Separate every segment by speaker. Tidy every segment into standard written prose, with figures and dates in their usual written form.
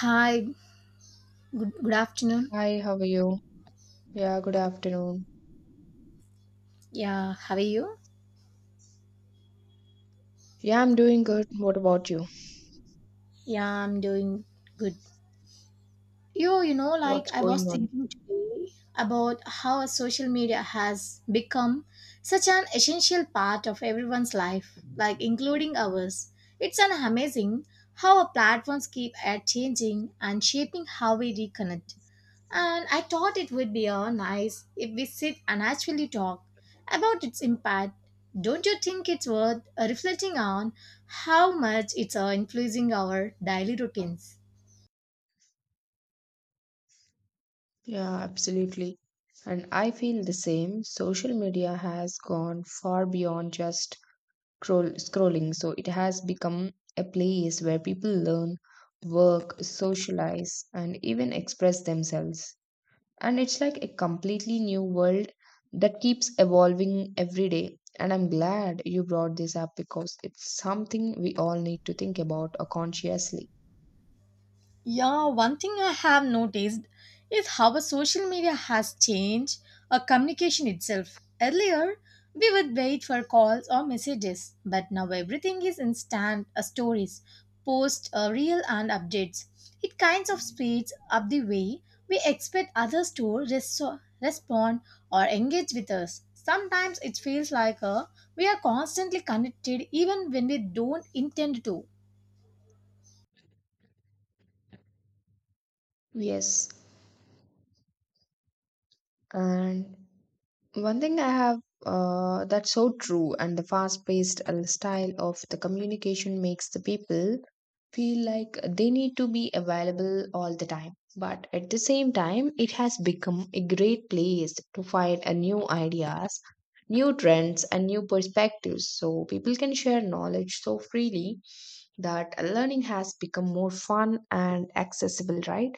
Speaker 1: Hi, good afternoon.
Speaker 2: Hi, how are you? Yeah, good afternoon.
Speaker 1: Yeah, how are you?
Speaker 2: Yeah, I'm doing good. What about you?
Speaker 1: Yeah, I'm doing good.
Speaker 2: What's
Speaker 1: I was
Speaker 2: going on?
Speaker 1: thinking today about how social media has become such an essential part of everyone's life, like including ours. It's an amazing how our platforms keep at changing and shaping how we reconnect. And I thought it would be nice if we sit and actually talk about its impact. Don't you think it's worth reflecting on how much it's influencing our daily routines?
Speaker 2: Yeah, absolutely. And I feel the same. Social media has gone far beyond just scrolling. So it has become a place where people learn, work, socialize, and even express themselves. And it's like a completely new world that keeps evolving every day. And I'm glad you brought this up because it's something we all need to think about consciously.
Speaker 1: Yeah, one thing I have noticed is how our social media has changed our communication itself. Earlier, we would wait for calls or messages, but now everything is instant stories, posts, real, and updates. It kinds of speeds up the way we expect others to respond or engage with us. Sometimes it feels like we are constantly connected even when we don't intend to.
Speaker 2: Yes. And one thing I have, that's so true, and the fast paced style of the communication makes the people feel like they need to be available all the time. But at the same time, it has become a great place to find a new ideas, new trends, and new perspectives. So people can share knowledge so freely that learning has become more fun and accessible, right?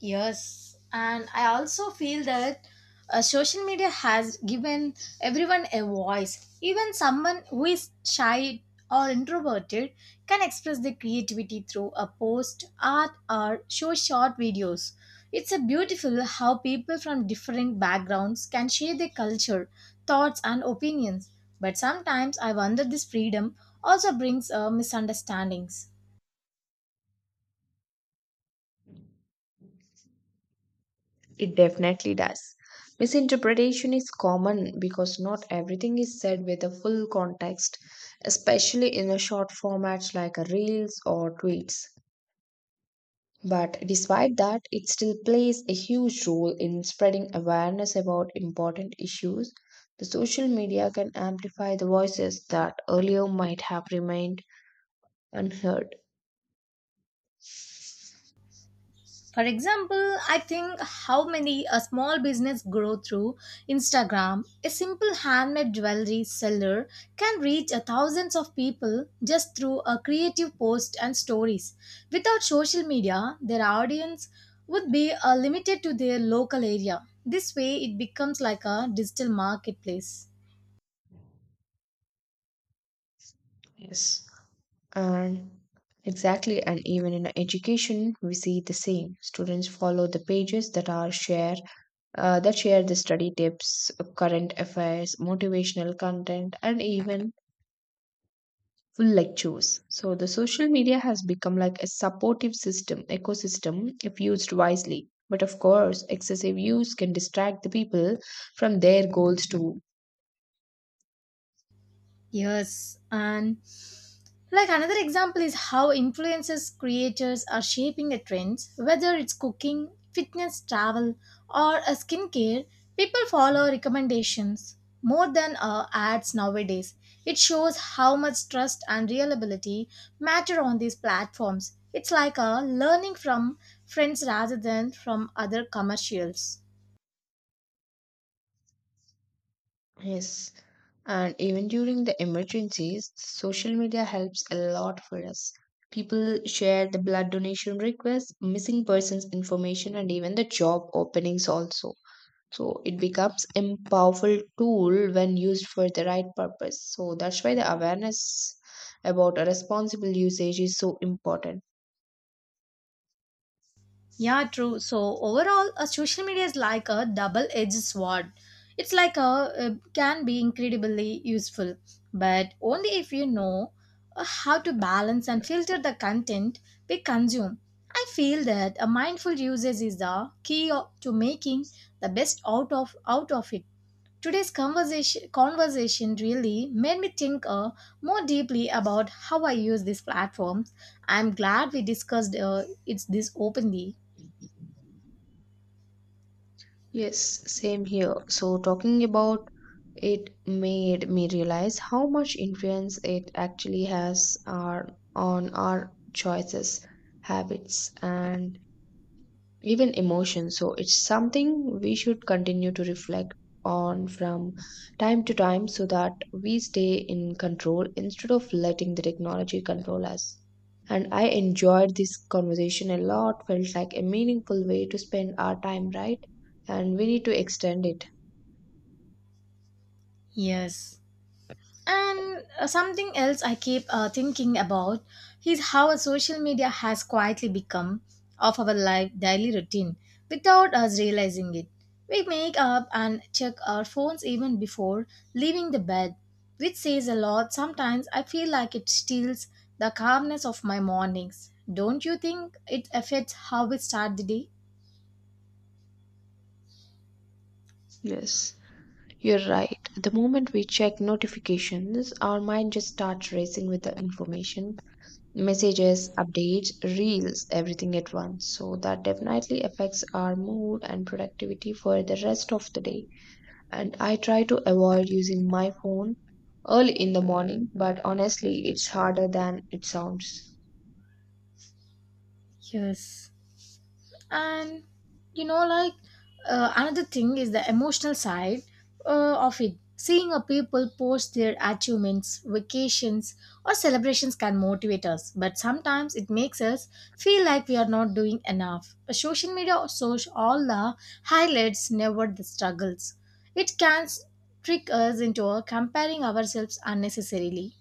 Speaker 1: Yes, and I also feel that social media has given everyone a voice. Even someone who is shy or introverted can express their creativity through a post, art, or show short videos. It's a beautiful how people from different backgrounds can share their culture, thoughts, and opinions. But sometimes I wonder this freedom also brings misunderstandings.
Speaker 2: It definitely does. Misinterpretation is common because not everything is said with a full context, especially in a short format like a reels or tweets. But despite that, it still plays a huge role in spreading awareness about important issues. The social media can amplify the voices that earlier might have remained unheard.
Speaker 1: For example, I think how many a small business grow through Instagram. A simple handmade jewelry seller can reach a thousands of people just through a creative post and stories. Without social media, their audience would be limited to their local area. This way, it becomes like a digital marketplace.
Speaker 2: Yes. And exactly, and even in education, we see the same. Students follow the pages that are share, that share the study tips, current affairs, motivational content, and even full lectures. So the social media has become like a supportive system ecosystem if used wisely. But of course, excessive use can distract the people from their goals too.
Speaker 1: Yes, and like another example is how influencers creators are shaping the trends, whether it's cooking, fitness, travel, or a skincare. People follow recommendations more than ads nowadays. It shows how much trust and reliability matter on these platforms. It's like a learning from friends rather than from other commercials.
Speaker 2: Yes, and even during the emergencies, social media helps a lot for us. People share the blood donation requests, missing persons information, and even the job openings also. So it becomes a powerful tool when used for the right purpose. So that's why the awareness about a responsible usage is so important.
Speaker 1: Yeah, true. So overall, a social media is like a double-edged sword. It's like a it can be incredibly useful, but only if you know how to balance and filter the content we consume. I feel that a mindful usage is the key to making the best out of it. Today's conversation really made me think more deeply about how I use these platforms. I'm glad we discussed it's this openly.
Speaker 2: Yes, same here. So, talking about it made me realize how much influence it actually has our, on our choices, habits, and even emotions. So it's something we should continue to reflect on from time to time so that we stay in control instead of letting the technology control us. And I enjoyed this conversation a lot, felt like a meaningful way to spend our time, right? And we need to extend it.
Speaker 1: Yes. And something else I keep thinking about is how social media has quietly become of our life daily routine without us realizing it. We make up and check our phones even before leaving the bed, which says a lot. Sometimes I feel like it steals the calmness of my mornings. Don't you think it affects how we start the day?
Speaker 2: Yes, you're right. The moment we check notifications, our mind just starts racing with the information messages, updates, reels, everything at once. So that definitely affects our mood and productivity for the rest of the day. And I try to avoid using my phone early in the morning, but honestly, it's harder than it sounds.
Speaker 1: Yes. and you know like Another thing is the emotional side of it, seeing a people post their achievements, vacations, or celebrations can motivate us, but sometimes it makes us feel like we are not doing enough, but social media shows all the highlights, never the struggles. It can trick us into comparing ourselves unnecessarily.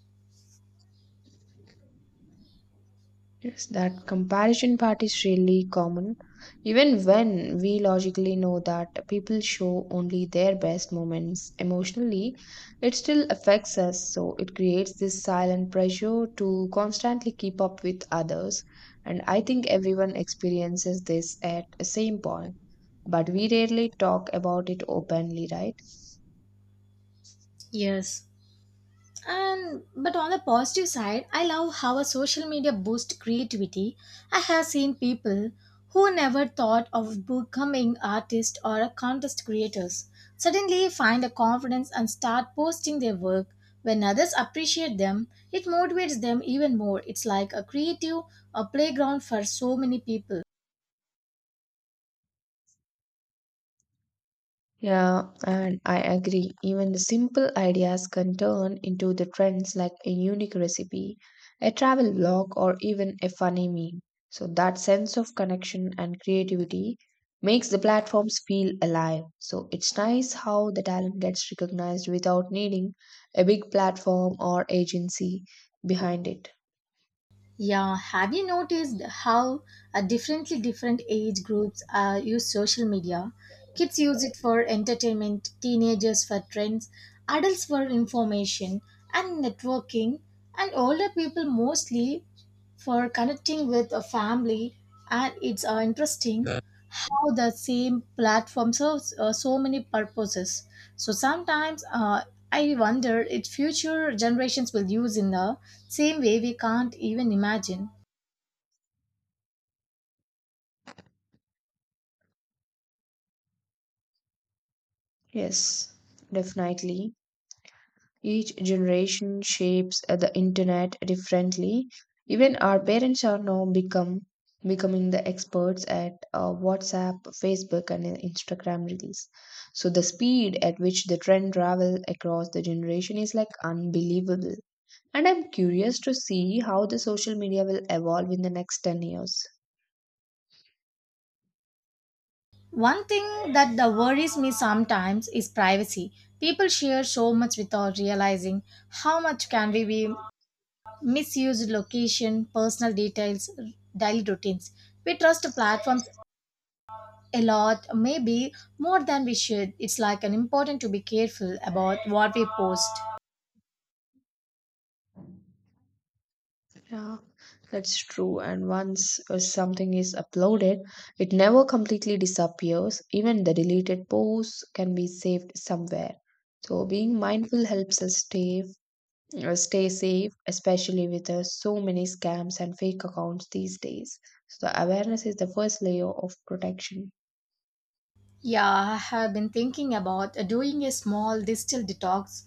Speaker 2: Yes, that comparison part is really common. Even when we logically know that people show only their best moments emotionally, it still affects us. So it creates this silent pressure to constantly keep up with others. And I think everyone experiences this at the same point, but we rarely talk about it openly, right?
Speaker 1: Yes. And but on the positive side, I love how a social media boosts creativity. I have seen people who never thought of becoming artists or contest creators suddenly find a confidence and start posting their work. When others appreciate them, it motivates them even more. It's like a creative a playground for so many people.
Speaker 2: Yeah, and I agree. Even the simple ideas can turn into the trends like a unique recipe, a travel blog, or even a funny meme. So that sense of connection and creativity makes the platforms feel alive. So it's nice how the talent gets recognized without needing a big platform or agency behind it.
Speaker 1: Yeah, have you noticed how different age groups use social media? Kids use it for entertainment, teenagers for trends, adults for information and networking, and older people mostly for connecting with a family. And it's interesting how the same platform serves so many purposes. So sometimes I wonder if future generations will use in the same way we can't even imagine.
Speaker 2: Yes, definitely. Each generation shapes the internet differently. Even our parents are now become becoming the experts at WhatsApp, Facebook, and Instagram reels. So the speed at which the trend travel across the generation is like unbelievable. And I'm curious to see how the social media will evolve in the next 10 years.
Speaker 1: One thing that the worries me sometimes is privacy. People share so much without realizing how much can we be misused: location, personal details, daily routines. We trust platforms a lot, maybe more than we should. It's like an important to be careful about what we post.
Speaker 2: Yeah, that's true. And once something is uploaded, it never completely disappears. Even the deleted posts can be saved somewhere. So being mindful helps us stay safe, especially with so many scams and fake accounts these days. So the awareness is the first layer of protection.
Speaker 1: Yeah, I have been thinking about doing a small digital detox,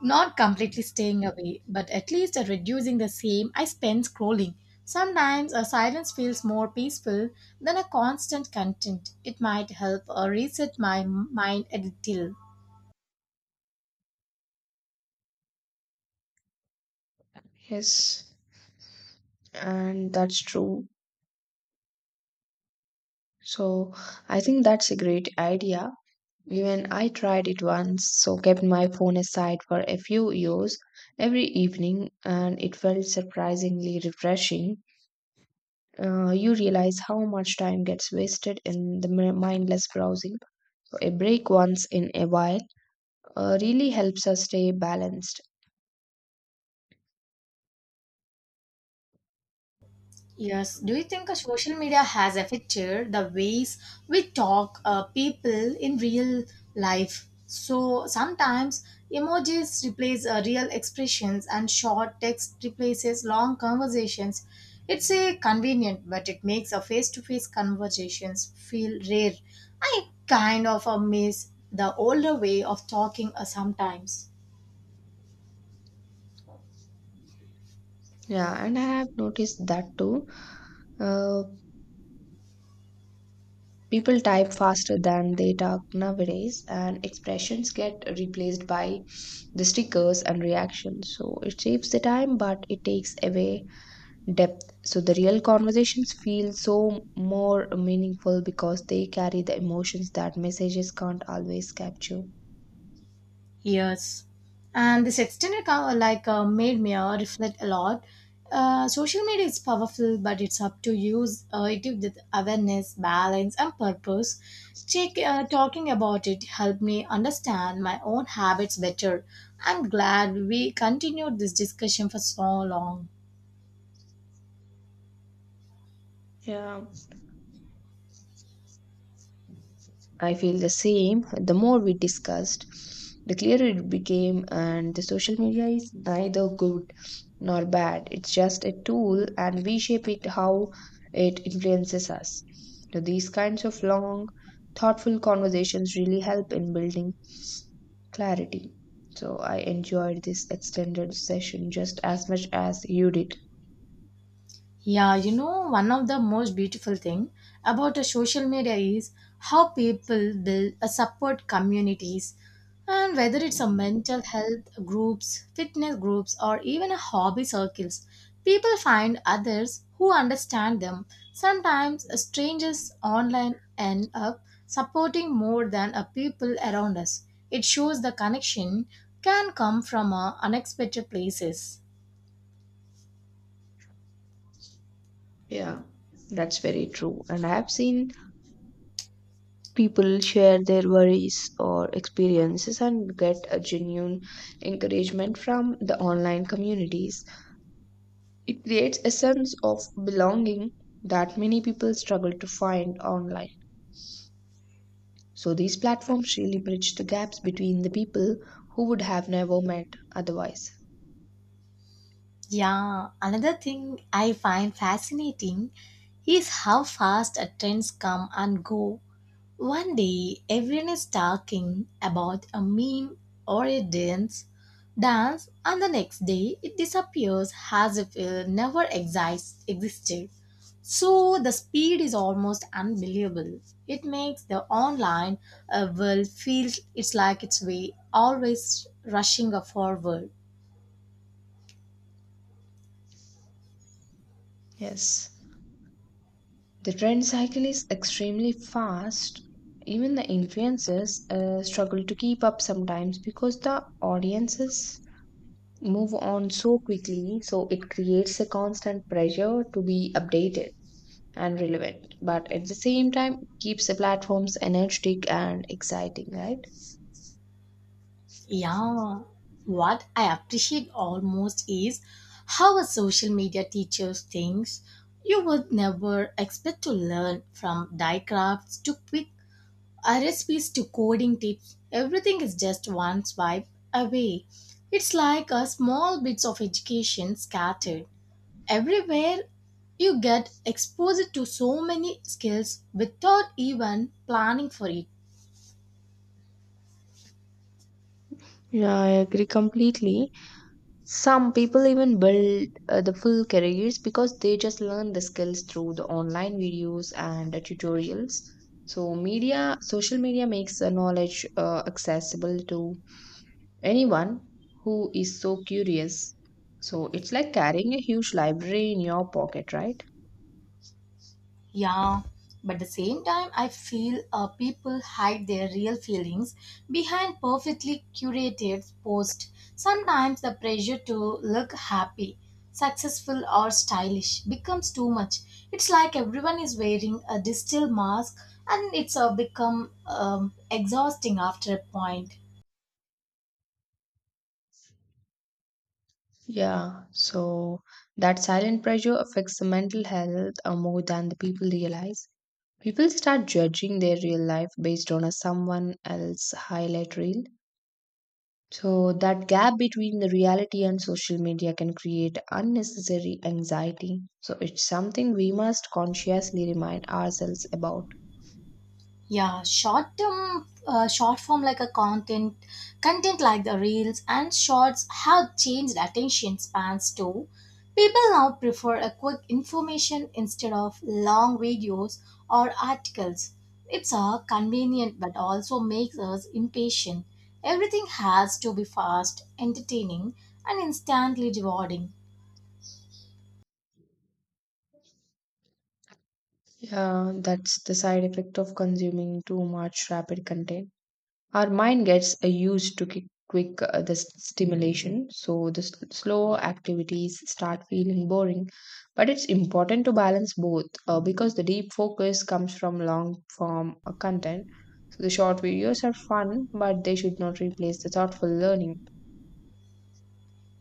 Speaker 1: not completely staying away, but at least reducing the same I spend scrolling. Sometimes a silence feels more peaceful than a constant content. It might help reset my mind a little.
Speaker 2: Yes, and that's true. So I think that's a great idea. Even I tried it once, so kept my phone aside for a few years every evening, and it felt surprisingly refreshing. You realize how much time gets wasted in the mindless browsing. A break once in a while really helps us stay balanced.
Speaker 1: Yes. Do you think a social media has affected the ways we talk people in real life? So sometimes emojis replace real expressions and short text replaces long conversations. It's a convenient, but it makes a face-to-face conversations feel rare. I kind of miss the older way of talking sometimes.
Speaker 2: Yeah, and I have noticed that too. Uh, People type faster than they talk nowadays, and expressions get replaced by the stickers and reactions. So it saves the time, but it takes away depth. So the real conversations feel so more meaningful because they carry the emotions that messages can't always capture.
Speaker 1: Years. And this extended made me reflect a lot. Social media is powerful, but it's up to use it with awareness, balance, and purpose. Check, talking about it helped me understand my own habits better. I'm glad we continued this discussion for so long.
Speaker 2: Yeah. I feel the same. The more we discussed, the clearer it became, and the social media is neither good nor bad. It's just a tool, and we shape it how it influences us. So these kinds of long, thoughtful conversations really help in building clarity. So I enjoyed this extended session just as much as you did.
Speaker 1: Yeah, you know, one of the most beautiful thing about a social media is how people build a support communities, and whether it's a mental health groups, fitness groups, or even a hobby circles, people find others who understand them. Sometimes a strangers online end up supporting more than a people around us. It shows the connection can come from unexpected places.
Speaker 2: Yeah, that's very true. And I have seen people share their worries or experiences and get a genuine encouragement from the online communities. It creates a sense of belonging that many people struggle to find online. So these platforms really bridge the gaps between the people who would have never met otherwise.
Speaker 1: Yeah, another thing I find fascinating is how fast trends come and go. One day, everyone is talking about a meme or a dance, and the next day it disappears as if it never existed. So the speed is almost unbelievable. It makes the online world feel it's like it's way always rushing forward.
Speaker 2: Yes. The trend cycle is extremely fast. Even the influencers struggle to keep up sometimes because the audiences move on so quickly, so it creates a constant pressure to be updated and relevant, but at the same time keeps the platforms energetic and exciting, right?
Speaker 1: Yeah, what I appreciate almost is how a social media teaches things you would never expect to learn, from die crafts to quick recipes to coding tips. Everything is just one swipe away. It's like a small bits of education scattered everywhere. You get exposed to so many skills without even planning for it.
Speaker 2: Yeah, I agree completely. Some people even build the full careers because they just learn the skills through the online videos and the tutorials. So social media makes the knowledge accessible to anyone who is so curious. So it's like carrying a huge library in your pocket, right?
Speaker 1: Yeah, but the same time, I feel people hide their real feelings behind perfectly curated posts. Sometimes the pressure to look happy, successful, or stylish becomes too much. It's like everyone is wearing a distilled mask, and it's become exhausting after a point.
Speaker 2: Yeah, so that silent pressure affects the mental health more than the people realize. People start judging their real life based on a someone else highlight reel. So that gap between the reality and social media can create unnecessary anxiety. So it's something we must consciously remind ourselves about.
Speaker 1: Yeah, short form like a content like the reels and shorts have changed attention spans too. People now prefer a quick information instead of long videos or articles. It's convenient but also makes us impatient. Everything has to be fast, entertaining, and instantly rewarding.
Speaker 2: That's the side effect of consuming too much rapid content. Our mind gets used to quick the stimulation, so the slow activities start feeling boring. But it's important to balance both because the deep focus comes from long form content. So the short videos are fun, but they should not replace the thoughtful learning.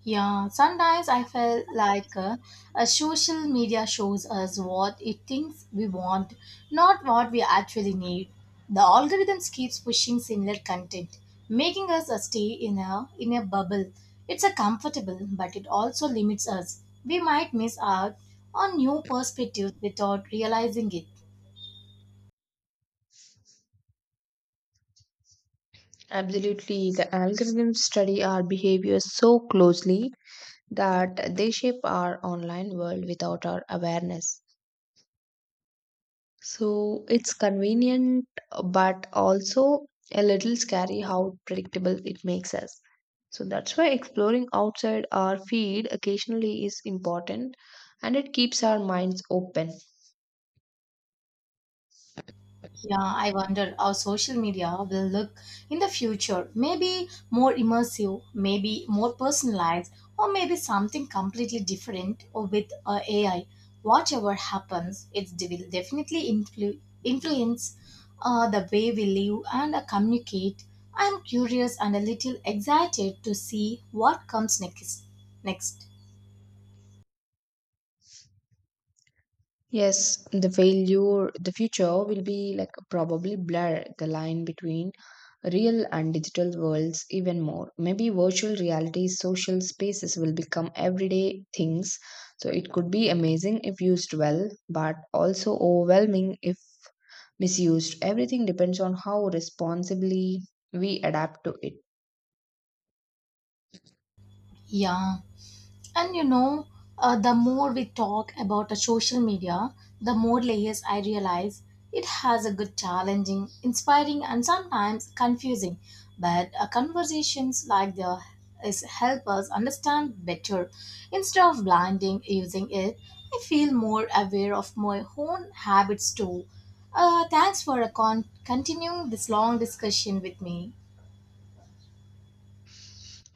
Speaker 1: Yeah, sometimes I feel like social media shows us what it thinks we want, not what we actually need. The algorithms keeps pushing similar content, making us stay in a bubble. It's a comfortable, but it also limits us. We might miss out on new perspectives without realizing it.
Speaker 2: Absolutely, the algorithms study our behavior so closely that they shape our online world without our awareness. So it's convenient, but also a little scary how predictable it makes us. So that's why exploring outside our feed occasionally is important and it keeps our minds open.
Speaker 1: Yeah, I wonder how social media will look in the future. Maybe more immersive, maybe more personalized, or maybe something completely different or with AI. Whatever happens, it will definitely influence the way we live and communicate. I'm curious and a little excited to see what comes next. Next.
Speaker 2: Yes, the failure, the future will be like probably blur the line between real and digital worlds even more. Maybe virtual reality social spaces will become everyday things. So it could be amazing if used well, but also overwhelming if misused. Everything depends on how responsibly we adapt to it.
Speaker 1: Yeah. And you know, the more we talk about the social media, the more layers I realize it has: a good, challenging, inspiring, and sometimes confusing. But conversations like the is help us understand better. Instead of blinding using it, I feel more aware of my own habits too. Thanks for continuing this long discussion with me.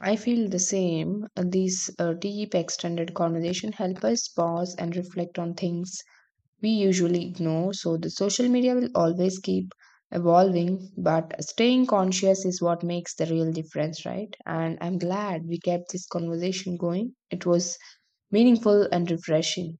Speaker 2: I feel the same. These deep extended conversation help us pause and reflect on things we usually ignore. So, the social media will always keep evolving, but staying conscious is what makes the real difference, right? And I'm glad we kept this conversation going. It was meaningful and refreshing.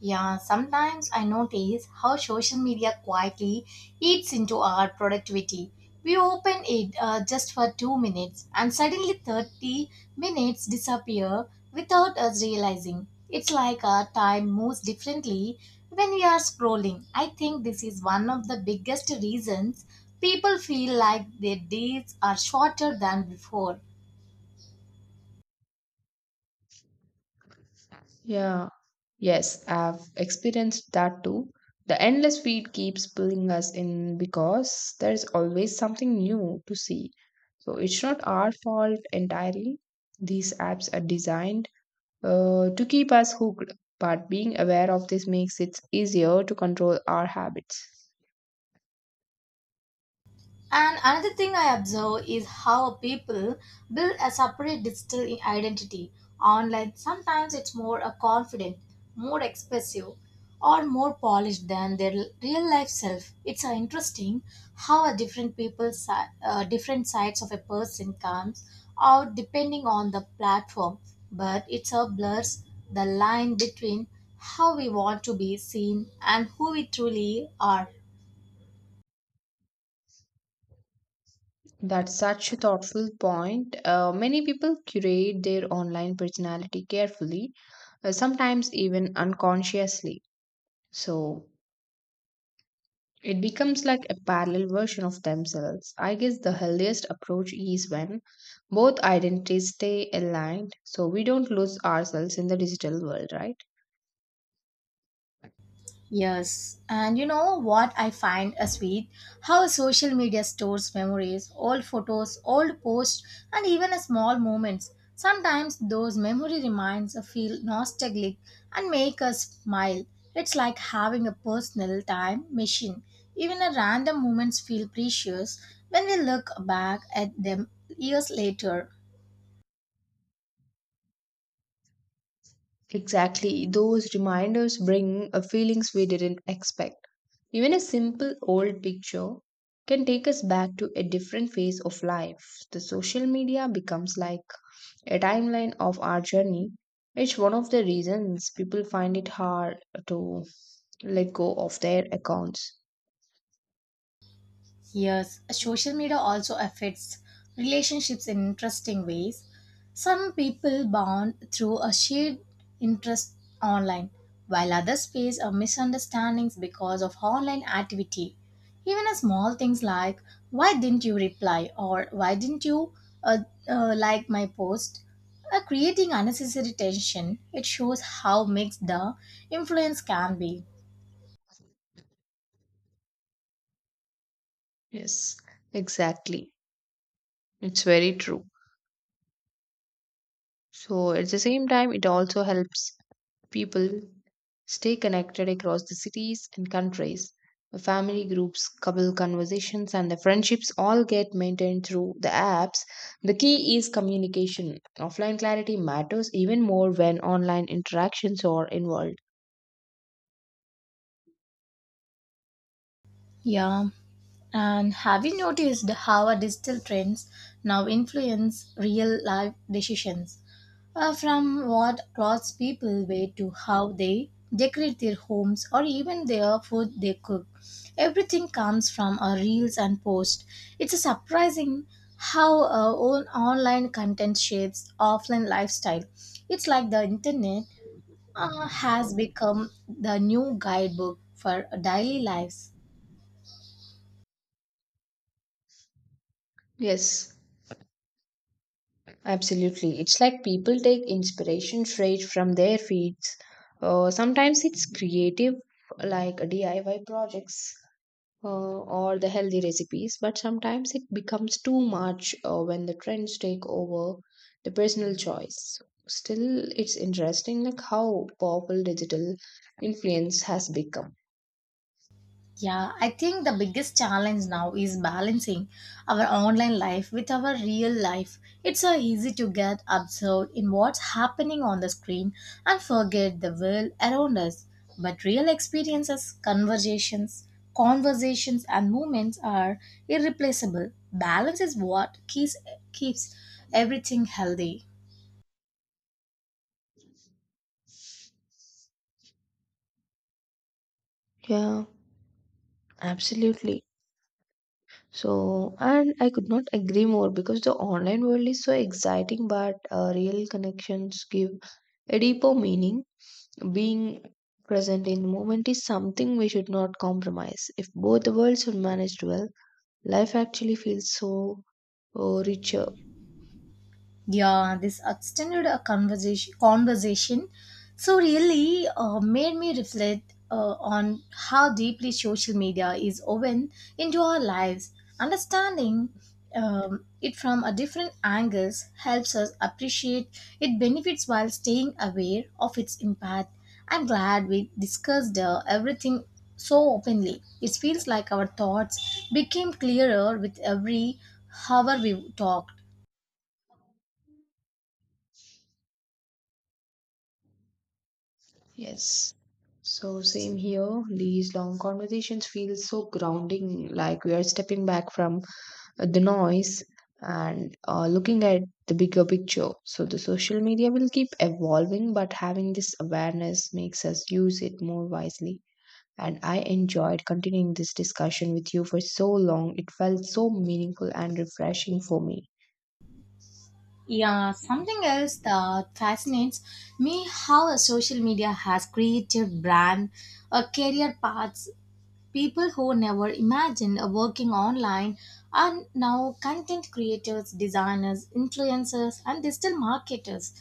Speaker 1: Yeah, sometimes I notice how social media quietly eats into our productivity. We open it just for two minutes and suddenly 30 minutes disappear without us realizing. It's like our time moves differently when we are scrolling. I think this is one of the biggest reasons people feel like their days are shorter than before.
Speaker 2: Yeah, yes, I've experienced that too. The endless feed keeps pulling us in because there's always something new to see. So it's not our fault entirely. These apps are designed to keep us hooked. But being aware of this makes it easier to control our habits.
Speaker 1: And another thing I observe is how people build a separate digital identity online. Sometimes it's more a confident, more expressive, or more polished than their real life self. It's interesting how a different people, different sides of a person comes out depending on the platform, but it a blurs the line between how we want to be seen and who we truly are.
Speaker 2: That's such a thoughtful point. Many people curate their online personality carefully, sometimes even unconsciously. So it becomes like a parallel version of themselves. I guess the healthiest approach is when both identities stay aligned so we don't lose ourselves in the digital world, right?
Speaker 1: Yes, and you know what I find a sweet? How social media stores memories, old photos, old posts, and even small moments. Sometimes those memory reminds us feel nostalgic and make us smile. It's like having a personal time machine. Even a random moments feel precious when we look back at them years later.
Speaker 2: Exactly. Those reminders bring feelings we didn't expect. Even a simple old picture can take us back to a different phase of life. The social media becomes like a timeline of our journey. It's one of the reasons people find it hard to let go of their accounts.
Speaker 1: Yes, social media also affects relationships in interesting ways. Some people bond through a shared interest online, while others face a misunderstandings because of online activity. Even a small things like "Why didn't you reply?" or "Why didn't you uh, like my post?" are creating unnecessary tension. It shows how mixed the influence can be.
Speaker 2: Yes, exactly. It's very true. So at the same time, it also helps people stay connected across the cities and countries. The family groups, couple conversations, and the friendships all get maintained through the apps. The key is communication. Offline clarity matters even more when online interactions are involved.
Speaker 1: Yeah. And have you noticed how our digital trends now influence real life decisions? From what clothes people wear to how they decorate their homes or even their food they cook. Everything comes from our reels and posts. It's surprising how our own online content shapes offline lifestyle. It's like the internet has become the new guidebook for daily lives.
Speaker 2: Yes. Absolutely. It's like people take inspiration straight from their feeds. Sometimes it's creative, like DIY projects or the healthy recipes, but sometimes it becomes too much when the trends take over the personal choice. Still, it's interesting like how powerful digital influence has become.
Speaker 1: Yeah, I think the biggest challenge now is balancing our online life with our real life. It's so easy to get absorbed in what's happening on the screen and forget the world around us. But real experiences, conversations, and moments are irreplaceable. Balance is what keeps everything healthy.
Speaker 2: Yeah, absolutely. So, and I could not agree more because the online world is so exciting, but real connections give a deeper meaning. Being present in the moment is something we should not compromise. If both the worlds are managed well, life actually feels so richer.
Speaker 1: Yeah, this extended a conversation so really made me reflect on how deeply social media is woven into our lives. Understanding it from a different angles helps us appreciate its benefits while staying aware of its impact. I'm glad we discussed everything so openly. It feels like our thoughts became clearer with every hour we talked.
Speaker 2: Yes. So, same here. These long conversations feel so grounding, like we are stepping back from the noise and looking at the bigger picture. So the social media will keep evolving, but having this awareness makes us use it more wisely. And I enjoyed continuing this discussion with you for so long. It felt so meaningful and refreshing for me.
Speaker 1: Yeah, something else that fascinates me how a social media has created brand or career paths. People who never imagined a working online are now content creators, designers, influencers, and digital marketers.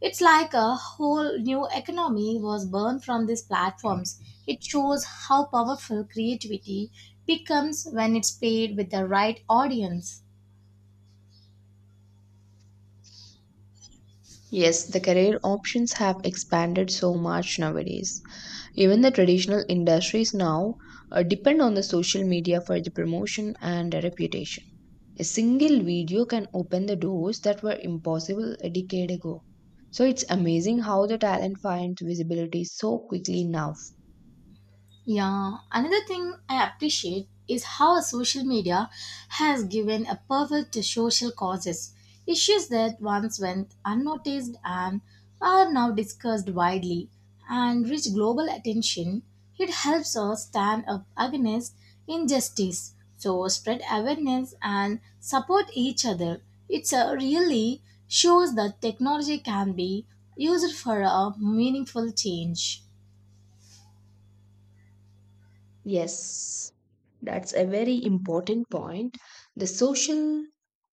Speaker 1: It's like a whole new economy was born from these platforms. It shows how powerful creativity becomes when it's paired with the right audience.
Speaker 2: Yes, the career options have expanded so much nowadays. Even the traditional industries now depend on the social media for the promotion and the reputation. A single video can open the doors that were impossible a decade ago. So it's amazing how the talent finds visibility so quickly now.
Speaker 1: Yeah, another thing I appreciate is how social media has given a purpose to social causes, issues that once went unnoticed and are now discussed widely and reach global attention. It helps us stand up against injustice, so spread awareness and support each other. It really shows that technology can be used for a meaningful change.
Speaker 2: Yes, that's a very important point. The social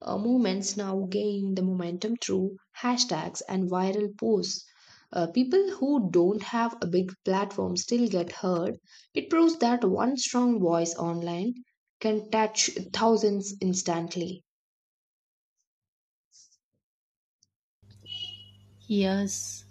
Speaker 2: movements now gain the momentum through hashtags and viral posts. People who don't have a big platform still get heard. It proves that one strong voice online can touch thousands instantly.
Speaker 1: Yes.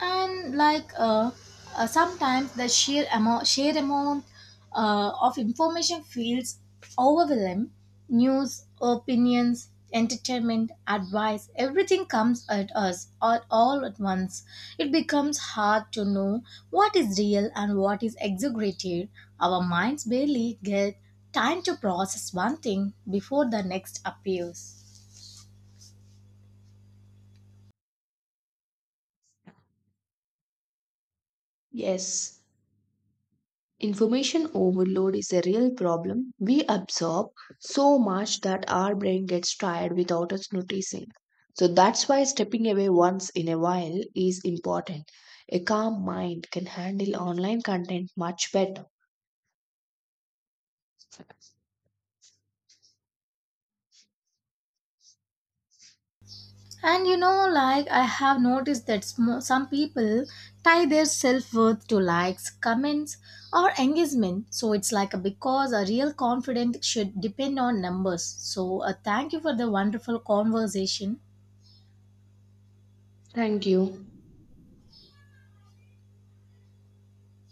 Speaker 1: and like Sometimes the sheer amount of information feels overwhelming: news, opinions, entertainment, advice, everything comes at us all at once. It becomes hard to know what is real and what is exaggerated. Our minds barely get time to process one thing before the next appears.
Speaker 2: Yes, information overload is a real problem. We absorb so much that our brain gets tired without us noticing. So that's why stepping away once in a while is important. A calm mind can handle online content much better.
Speaker 1: And you know, like I have noticed that some people tie their self worth to likes, comments, or engagement. So it's like a because a real confidence should depend on numbers. So thank you for the wonderful conversation.
Speaker 2: Thank you.